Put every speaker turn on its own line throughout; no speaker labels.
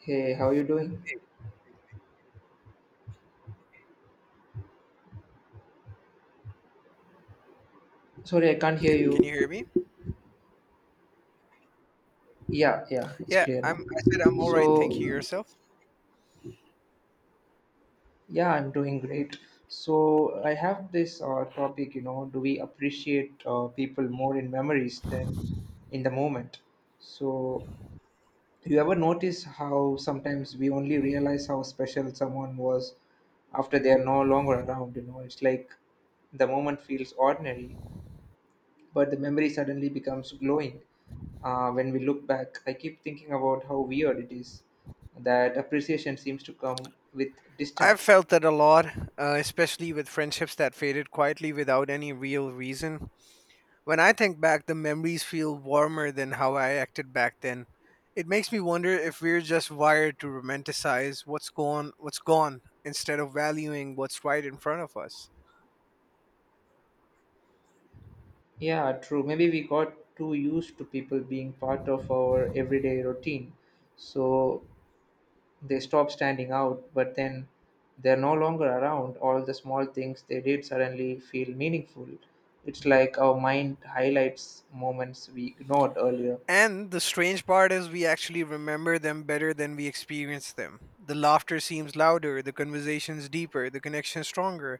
Hey, how are you doing?
Hey,
Sorry, I can't hear
can
you.
you hear me?
Yeah, yeah, it's
Yeah,
clear
I'm
now.
I said I'm all right, thank you.
So,
Yourself?
yeah, I'm doing great. So, I have this topic, you know, do we appreciate people more in memories than in the moment? So, you ever notice how sometimes we only realize how special someone was after they are no longer around, you know? It's like the moment feels ordinary but the memory suddenly becomes glowing when we look back. I keep thinking about how weird it is that appreciation seems to come with
I've
distance.
felt that a lot, especially with friendships that faded quietly without any real reason. When I think back, the memories feel warmer than how I acted back then. It makes me wonder if we're just wired to romanticize what's gone, instead of valuing what's right in front of us.
Yeah, true. Maybe we got too used to people being part of our everyday routine, so they stop standing out, but then they're no longer around. All the small things they did suddenly feel meaningful. It's like our mind highlights moments we ignored earlier.
And the strange part is we actually remember them better than we experience them. The laughter seems louder, the conversations deeper, the connection stronger.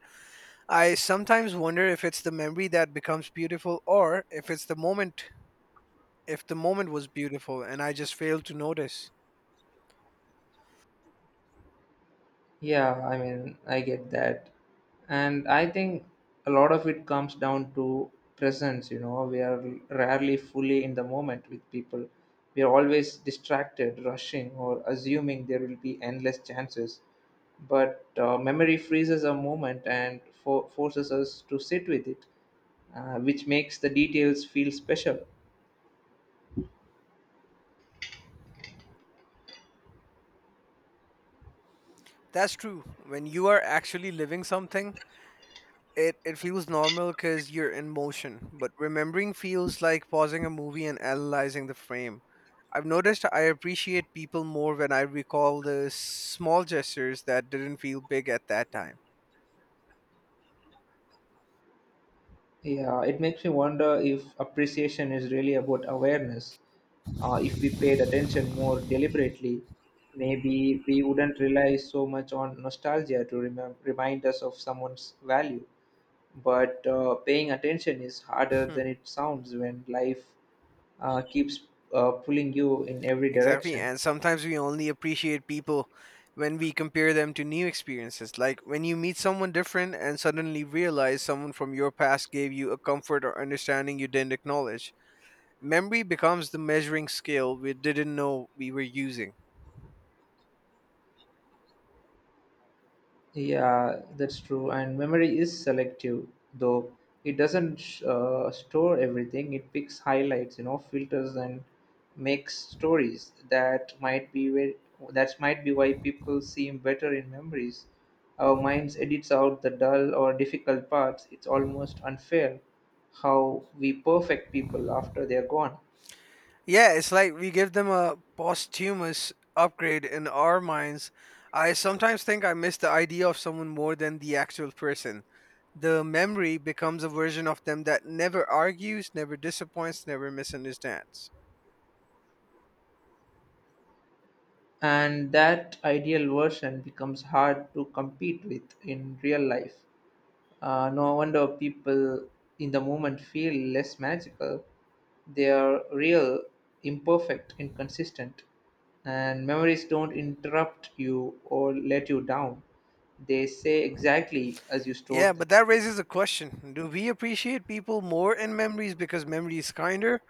I sometimes wonder if it's the memory that becomes beautiful or if the moment was beautiful and I just failed to notice.
Yeah, I mean, I get that. And I think a lot of it comes down to presence, you know. We are rarely fully in the moment with people. We are always distracted, rushing, or assuming there will be endless chances. But memory freezes a moment and forces us to sit with it, which makes the details feel special.
That's true. When you are actually living something, it feels normal because you're in motion. But remembering feels like pausing a movie and analyzing the frame. I've noticed I appreciate people more when I recall the small gestures that didn't feel big at that time.
Yeah, it makes me wonder if appreciation is really about awareness. If we paid attention more deliberately, maybe we wouldn't rely so much on nostalgia to remind us of someone's value. But paying attention is harder than it sounds when life keeps pulling you in every
Exactly.
direction.
And sometimes we only appreciate people when we compare them to new experiences. Like when you meet someone different and suddenly realize someone from your past gave you a comfort or understanding you didn't acknowledge. Memory becomes the measuring scale we didn't know we were using.
Yeah, that's true. And memory is selective, though it doesn't store everything. It picks highlights, you know, filters, and makes stories. That might be why people seem better in memories. Our minds edits out the dull or difficult parts. It's almost unfair how we perfect people after they're gone.
Yeah, it's like we give them a posthumous upgrade in our minds. I sometimes think I miss the idea of someone more than the actual person. The memory becomes a version of them that never argues, never disappoints, never misunderstands.
And that ideal version becomes hard to compete with in real life. No wonder people in the moment feel less magical. They are real, imperfect, inconsistent, and memories don't interrupt you or let you down. They say exactly as you
Yeah,
stored them.
but that raises a question. Do we appreciate people more in memories because memory is kinder,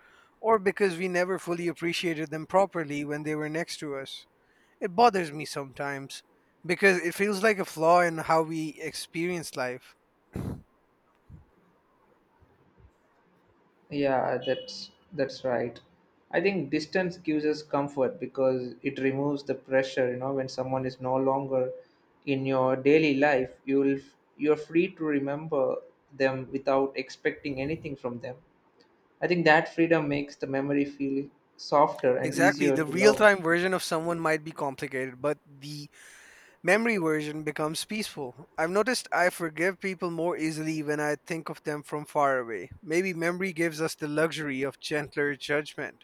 or because we never fully appreciated them properly when they were next to us? It bothers me sometimes because it feels like a flaw in how we experience life.
Yeah, that's right. I think distance gives us comfort because it removes the pressure. You know, when someone is no longer in your daily life, you're free to remember them without expecting anything from them. I think that freedom makes the memory feel softer and
Exactly,
easier
the
to
real
love.
time version of someone might be complicated, but the memory version becomes peaceful. I've noticed I forgive people more easily when I think of them from far away. Maybe memory gives us the luxury of gentler judgment.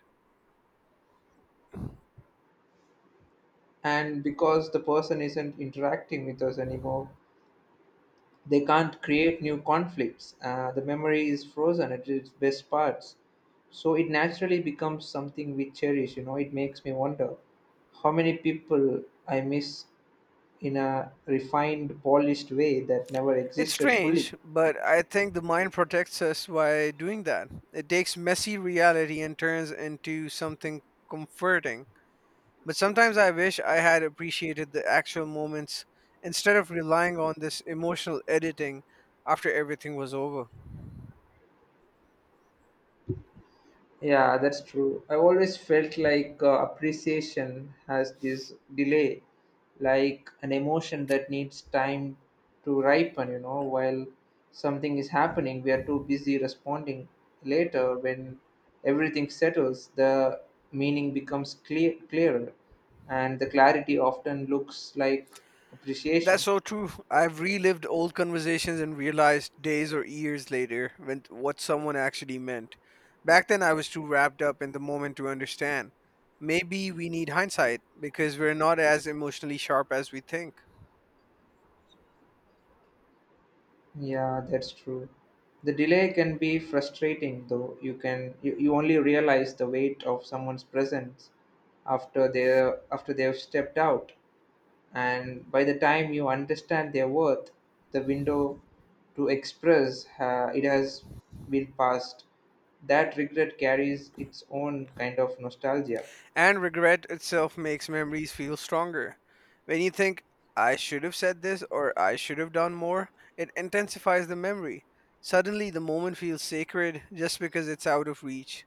And because the person isn't interacting with us anymore, they can't create new conflicts. The memory is frozen at its best parts. So it naturally becomes something we cherish. You know, it makes me wonder how many people I miss in a refined, polished way that never
It's
existed fully.
strange, but I think the mind protects us by doing that. It takes messy reality and turns into something comforting. But sometimes I wish I had appreciated the actual moments instead of relying on this emotional editing after everything was over.
Yeah, that's true. I always felt like appreciation has this delay, like an emotion that needs time to ripen, you know, while something is happening, we are too busy responding later. When everything settles, the meaning becomes clearer and the clarity often looks like
That's
appreciation.
so true. I've relived old conversations and realized days or years later when what someone actually meant. Back then I was too wrapped up in the moment to understand. Maybe we need hindsight because we're not as emotionally sharp as we think.
Yeah, that's true. The delay can be frustrating though. You only realize the weight of someone's presence after they've stepped out. And by the time you understand their worth, the window to express it has been passed. That regret carries its own kind of nostalgia.
And regret itself makes memories feel stronger. When you think I should have said this or I should have done more, it intensifies the memory. Suddenly the moment feels sacred just because it's out of reach.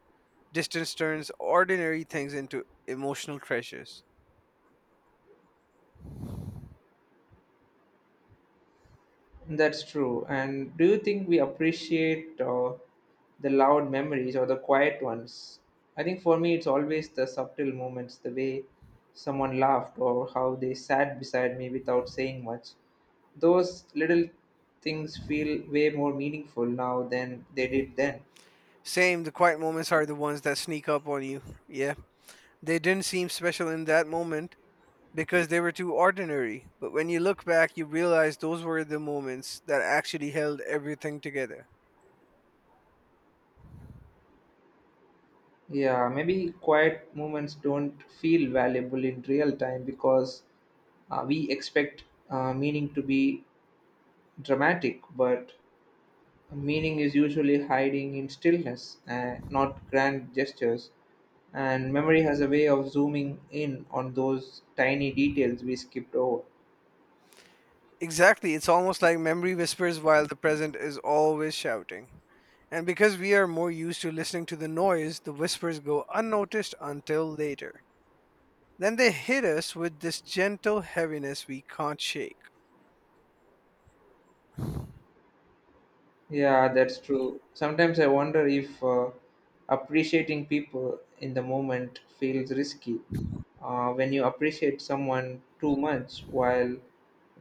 Distance turns ordinary things into emotional treasures.
That's true. And do you think we appreciate the loud memories or the quiet ones? I think for me, it's always the subtle moments, the way someone laughed or how they sat beside me without saying much. Those little things feel way more meaningful now than they did then.
Same, the quiet moments are the ones that sneak up on you. Yeah. They didn't seem special in that moment because they were too ordinary. But when you look back, you realize those were the moments that actually held everything together.
Yeah, maybe quiet moments don't feel valuable in real time because we expect meaning to be dramatic, but meaning is usually hiding in stillness, not grand gestures. And memory has a way of zooming in on those tiny details we skipped over.
Exactly. It's almost like memory whispers while the present is always shouting. And because we are more used to listening to the noise, the whispers go unnoticed until later. Then they hit us with this gentle heaviness we can't shake.
Yeah, that's true. Sometimes I wonder if appreciating people in the moment feels risky. When you appreciate someone too much while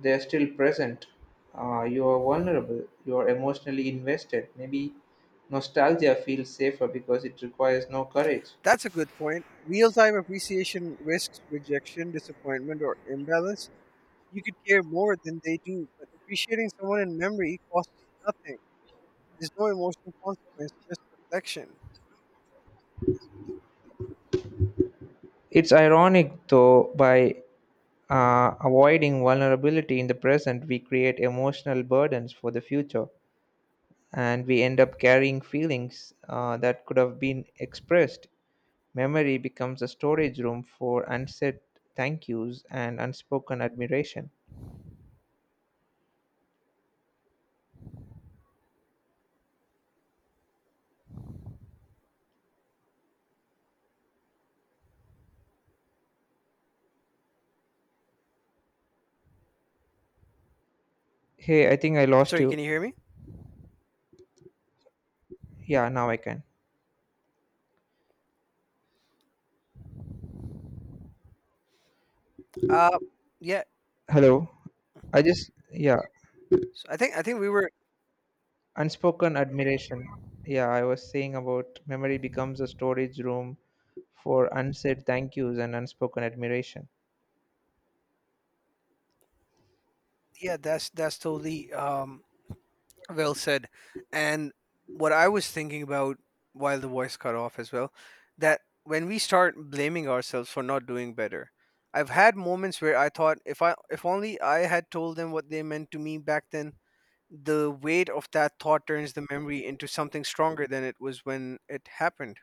they're still present, you are vulnerable, you are emotionally invested. Maybe nostalgia feels safer because it requires no courage.
That's a good point. Real time appreciation risks rejection, disappointment, or imbalance. You could care more than they do, but appreciating someone in memory costs nothing. There's no emotional consequence, just reflection.
It's ironic, though, by avoiding vulnerability in the present, we create emotional burdens for the future, and we end up carrying feelings that could have been expressed. Memory becomes a storage room for unsaid thank yous and unspoken admiration. Hey, I think I lost
Sorry,
you.
can you hear me?
Yeah, now I can.
Uh, yeah.
Hello. I just, yeah.
So I think we were.
Unspoken admiration. Yeah, I was saying about memory becomes a storage room for unsaid thank yous and unspoken admiration.
Yeah, that's totally well said. And what I was thinking about while the voice cut off as well, that when we start blaming ourselves for not doing better, I've had moments where I thought if only I had told them what they meant to me back then, the weight of that thought turns the memory into something stronger than it was when it happened.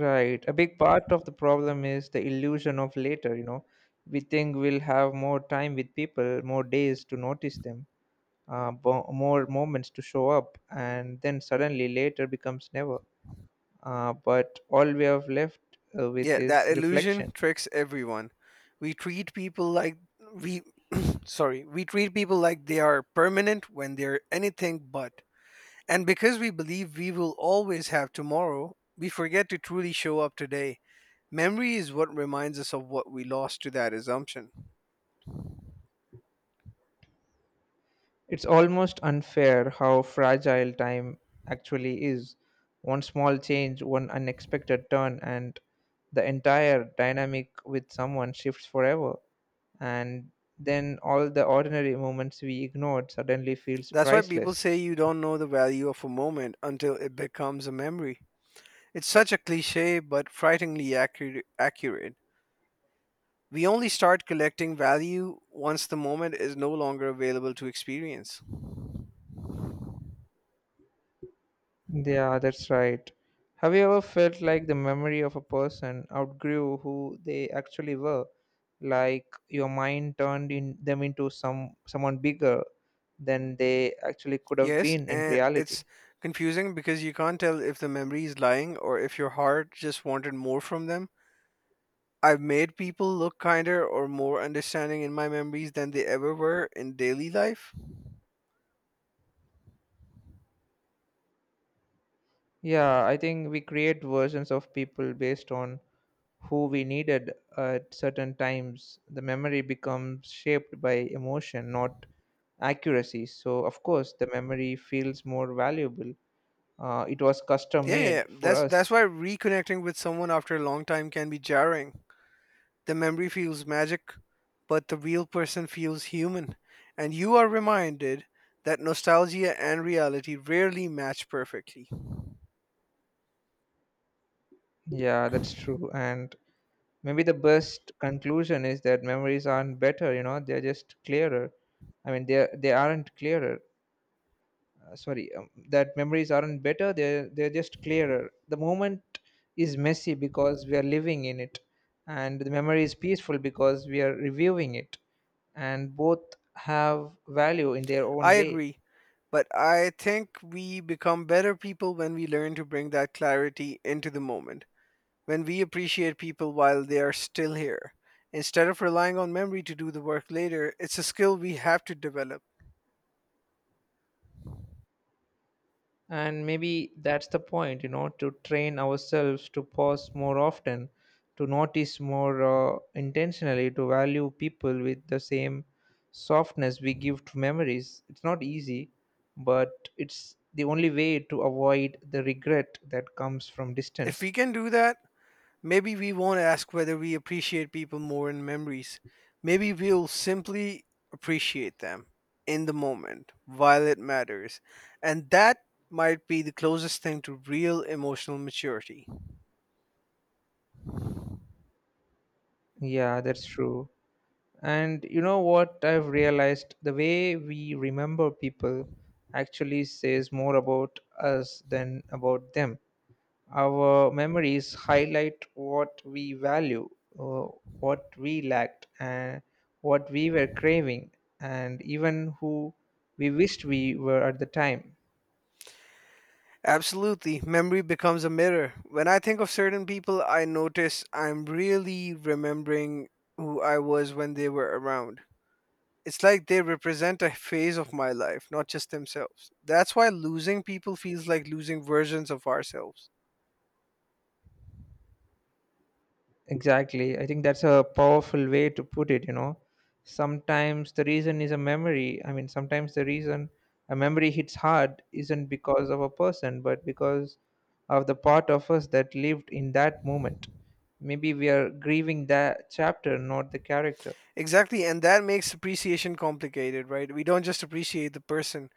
Right, a big part of the problem is the illusion of later, you know. We think we'll have more time with people, more days to notice them, more moments to show up, and then suddenly later becomes never. But all we have left with
Yeah, that
is
illusion
reflection.
tricks everyone. We treat people like we sorry, we treat people like they are permanent when they're anything but. And because we believe we will always have tomorrow, we forget to truly show up today. Memory is what reminds us of what we lost to that assumption.
It's almost unfair how fragile time actually is. One small change, one unexpected turn, and the entire dynamic with someone shifts forever. And then all the ordinary moments we ignored suddenly feels
That's why people
priceless.
say you don't know the value of a moment until it becomes a memory. It's such a cliche, but frighteningly accurate. We only start collecting value once the moment is no longer available to experience.
Yeah, that's right. Have you ever felt like the memory of a person outgrew who they actually were? Like your mind turned in them into someone bigger than they actually could have
Yes,
been in
and
reality.
it's confusing because you can't tell if the memory is lying or if your heart just wanted more from them. I've made people look kinder or more understanding in my memories than they ever were in daily life.
Yeah, I think we create versions of people based on who we needed at certain times. The memory becomes shaped by emotion, not accuracy. So of course the memory feels more valuable. It was custom
Yeah,
made for
that's
us.
why reconnecting with someone after a long time can be jarring. The memory feels magic, but the real person feels human, and you are reminded that nostalgia and reality rarely match perfectly.
Yeah, that's true. And maybe the best conclusion is that memories aren't better, you know, they're just clearer. I mean, they aren't clearer. Sorry, that memories aren't better, they're just clearer. The moment is messy because we are living in it, and the memory is peaceful because we are reviewing it, and both have value in their own
I
way.
agree, but I think we become better people when we learn to bring that clarity into the moment, when we appreciate people while they are still here. Instead of relying on memory to do the work later, it's a skill we have to develop.
And maybe that's the point, you know, to train ourselves to pause more often, to notice more intentionally, to value people with the same softness we give to memories. It's not easy, but it's the only way to avoid the regret that comes from
If we
distance.
can do that, maybe we won't ask whether we appreciate people more in memories. Maybe we'll simply appreciate them in the moment while it matters. And that might be the closest thing to real emotional maturity.
Yeah, that's true. And you know what, I've realized the way we remember people actually says more about us than about them. Our memories highlight what we value, uh, what we lacked, and what we were craving, and even who we wished we were at the time.
Absolutely. Memory becomes a mirror. When I think of certain people, I notice I'm really remembering who I was when they were around. It's like they represent a phase of my life, not just themselves. That's why losing people feels like losing versions of ourselves.
Exactly. I think that's a powerful way to put it, you know. Sometimes the reason is a memory. I mean, sometimes the reason a memory hits hard isn't because of a person, but because of the part of us that lived in that moment. Maybe we are grieving that chapter, not the character.
Exactly, and that makes appreciation complicated, right? We don't just appreciate the person,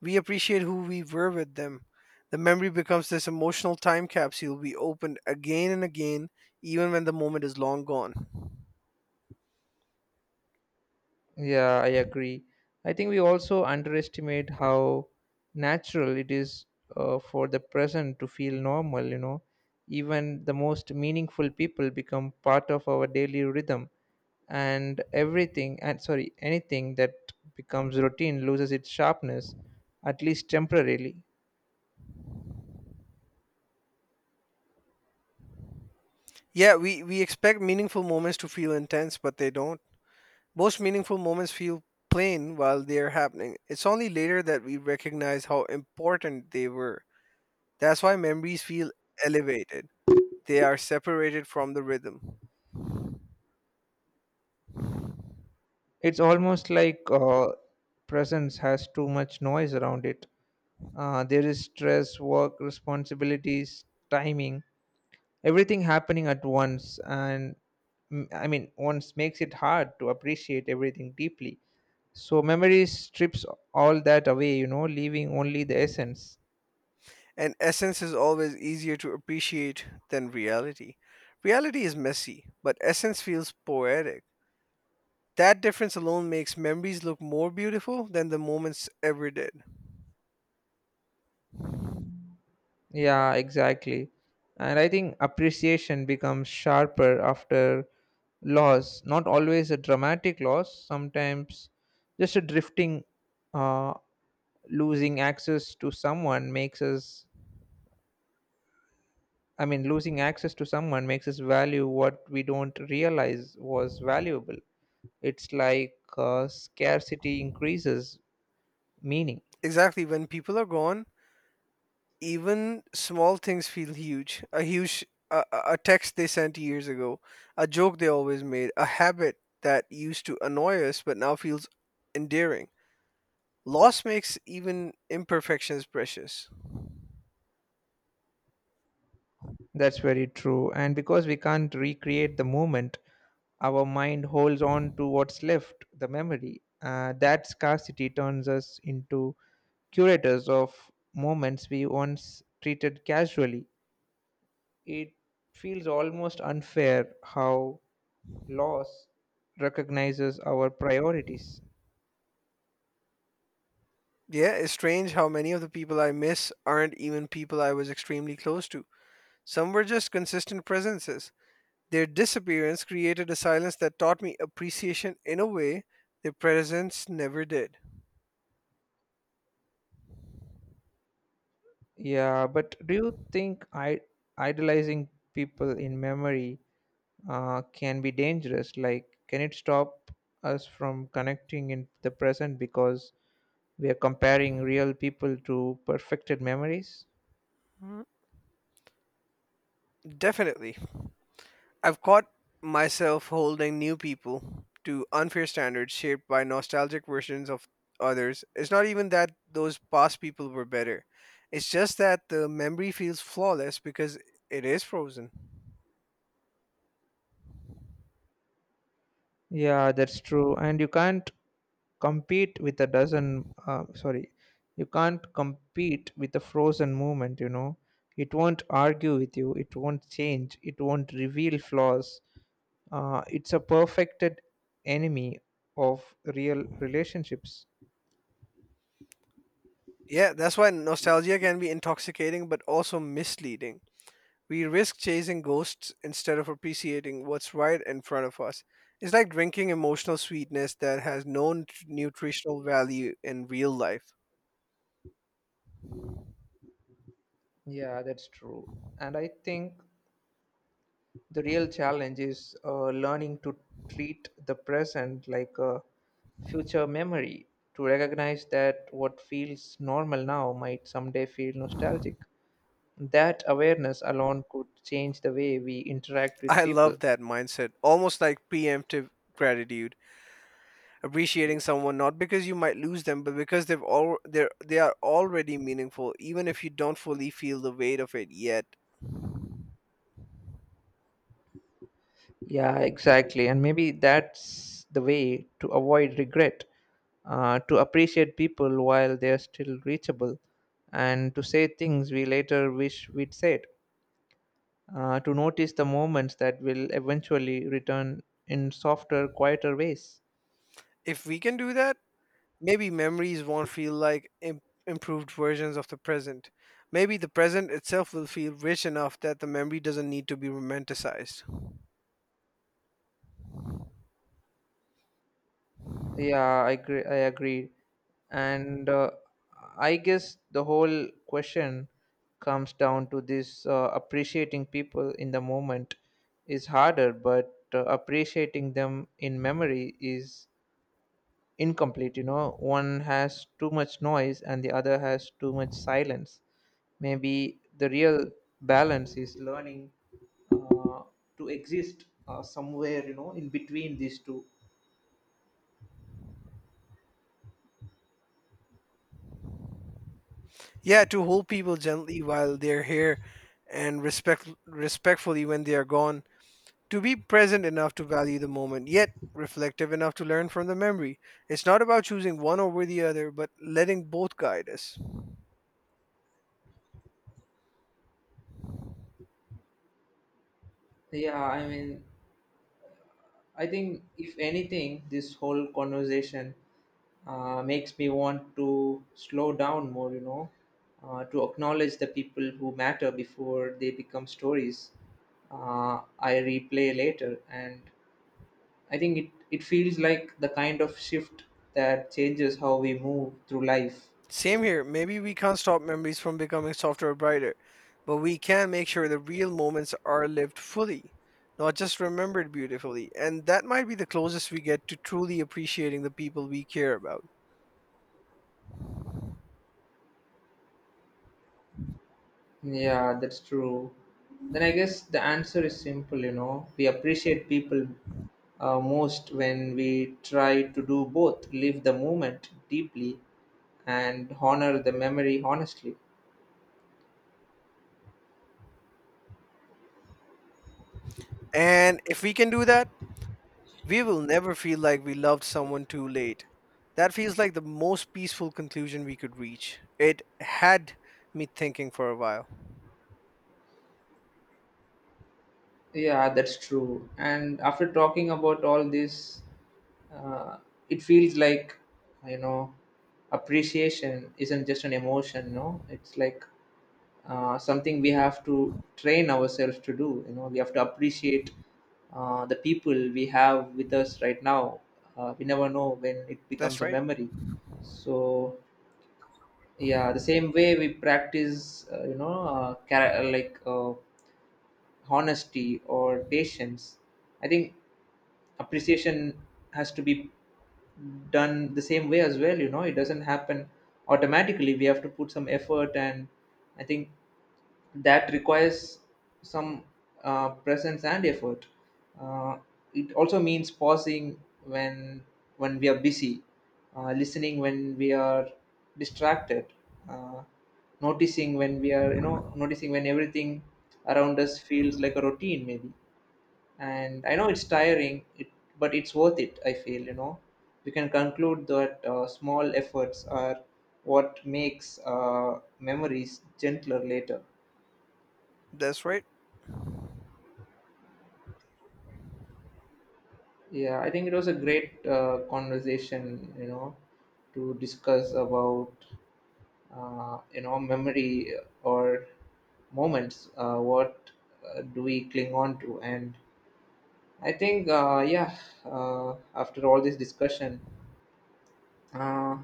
we appreciate who we were with them. The memory becomes this emotional time capsule we open again and again, even when the moment is long gone.
Yeah, I agree. I think we also underestimate how natural it is for the present to feel normal, you know. Even the most meaningful people become part of our daily rhythm, and anything that becomes routine loses its sharpness, at least temporarily.
Yeah, we expect meaningful moments to feel intense, but they don't. Most meaningful moments feel plain while they're happening. It's only later that we recognize how important they were. That's why memories feel elevated. They are separated from the rhythm.
It's almost like presence has too much noise around it. There is stress, work, responsibilities, timing, everything happening at once and mm, I mean once makes it hard to appreciate everything deeply. So memory strips all that away, you know, leaving only the essence.
And essence is always easier to appreciate than reality. Reality is messy, but essence feels poetic. That difference alone makes memories look more beautiful than the moments ever did.
Yeah, exactly. And I think appreciation becomes sharper after loss, not always a dramatic loss, sometimes just a drifting. Uh, losing access to someone makes us I mean, losing access to someone makes us value what we don't realize was valuable. It's like scarcity increases meaning.
Exactly, when people are gone, even small things feel huge. A, a text they sent years ago, a joke they always made, a habit that used to annoy us but now feels endearing. Loss makes even imperfections precious.
That's very true. And because we can't recreate the moment, our mind holds on to what's left, the memory. That scarcity turns us into curators of moments we once treated casually. It feels almost unfair how laws recognizes our priorities.
Yeah, it's strange how many of the people I miss aren't even people I was extremely close to. Some were just consistent presences. Their disappearance created a silence that taught me appreciation in a way their presence never did.
Yeah, but do you think idolizing people in memory can be dangerous, like can it stop us from connecting in the present because we are comparing real people to perfected memories?
Mhm. Definitely. I've caught myself holding new people to unfair standards shaped by nostalgic versions of others. It's not even that those past people were better. It's just that the memory feels flawless because it is frozen.
Yeah, that's true. And compete with a dozen, uh, sorry, you can't compete with a frozen movement, you know. It won't argue with you, it won't change, it won't reveal flaws. It's a perfected enemy of real relationships.
Yeah, that's why nostalgia can be intoxicating but also misleading. We risk chasing ghosts instead of appreciating what's right in front of us. It's like drinking emotional sweetness that has no nutritional value in real life.
Yeah, that's true. And I think the real challenge is learning to treat the present like a future memory, to recognize that what feels normal now might someday feel nostalgic. That awareness alone could change the way we interact with
I
people.
love that mindset, almost like preemptive gratitude, appreciating someone not because you might lose them, but because they've all they're they are already meaningful, even if you don't fully feel the weight of it yet.
Yeah, exactly. And maybe that's the way to avoid regret, to appreciate people while they're still reachable, and to say things we later wish we'd said, to notice the moments that will eventually return in softer, quieter ways.
If we can do that, maybe memories won't feel like improved versions of the present. Maybe the present itself will feel rich enough that the memory doesn't need to be romanticized.
Yeah, I agree. And I guess the whole question comes down to this: appreciating people in the moment is harder, but appreciating them in memory is incomplete. You know, one has too much noise and the other has too much silence. Maybe the real balance is learning uh, to exist somewhere, you know, in between these two.
Yeah, to hold people gently while they're here, and respectfully when they are gone to be present enough to value the moment, yet reflective enough to learn from the memory. It's not about choosing one over the other, but letting both guide us.
Yeah, I mean, I think if anything, this whole conversation makes me want to slow down more, you know, to acknowledge the people who matter before they become stories I replay later. And I think it feels like the kind of shift that changes how we move through life.
Same here, maybe we can't stop memories from becoming softer or brighter, but we can make sure the real moments are lived fully, not just remembered beautifully. And that might be the closest we get to truly appreciating the people we care about.
Yeah, that's true. Then I guess the answer is simple, you know. We appreciate people most when we try to do both, live the moment deeply and honor the memory honestly.
And if we can do that, we will never feel like we loved someone too late. That feels like the most peaceful conclusion we could reach. It had me thinking for a while.
Yeah, that's true. And after talking about all this, uh, it feels like, you know, appreciation isn't just an emotion, no? It's like something we have to train ourselves to do, you know, we have to appreciate the people we have with us right now. We never know when it becomes
That's
a
right.
memory. So yeah, the same way we practice you know honesty or patience, I think appreciation has to be done the same way as well. You know, it doesn't happen automatically, we have to put some effort. And I think that requires some presence and effort. Uh, it also means pausing when we are busy, listening when we are distracted, uh, noticing when we are, you know, noticing when everything around us feels like a routine maybe. And I know it's tiring, but it's worth it. I feel, you know, we can conclude that small efforts are what makes memories gentler later.
That's right.
Yeah, I think it was a great conversation, you know, to discuss about, you know, memory or moments. What do we cling on to? And I think, yeah, after all this discussion, uh,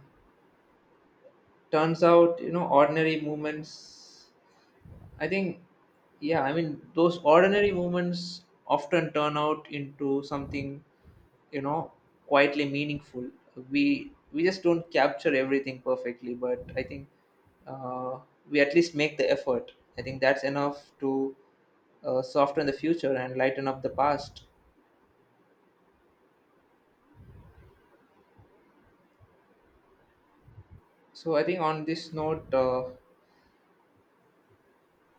turns out, you know, ordinary moments. I think, yeah, I mean, those ordinary moments often turn out into something, you know, quietly meaningful. We just don't capture everything perfectly, but I think uh, we at least make the effort. I think that's enough to soften the future and lighten up the past. So I think on this note,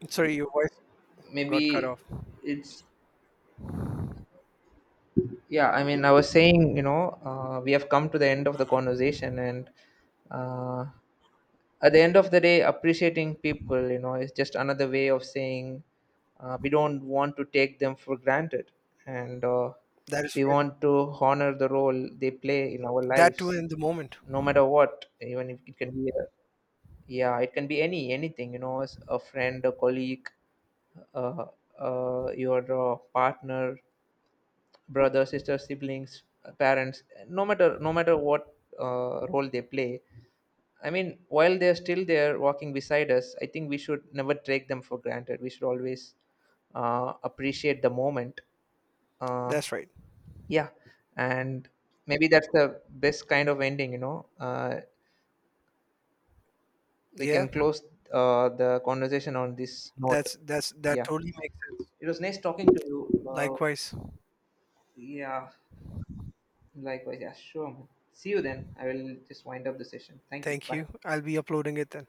Sorry, your voice got cut
maybe
off.
it's, yeah, I mean, I was saying, you know, we have come to the end of the
Mhm.
conversation. And uh, at the end of the day, appreciating people, you know, is just another way of saying we don't want to take them for granted. And
That is
we
right.
want to honor the role they play in our
That too
lives,
in the moment.
no matter what. Even if it can be a, yeah, it can be anything, you know, as a friend, a colleague, uh, your partner, brother, sister, siblings, parents. No matter what role they play, I mean, while they're still there walking beside us, I think we should never take them for granted. We should always appreciate the moment. Uh,
That's right.
yeah. And maybe that's the best kind of ending, you know. We
Yeah.
can close the conversation on this note.
That
Yeah.
totally makes sense.
It was nice talking to you.
Likewise.
Yeah. Likewise. Yeah, sure. Man. See you then. I will just wind up the session. Thank you.
Thank
Bye.
you. I'll be uploading it then.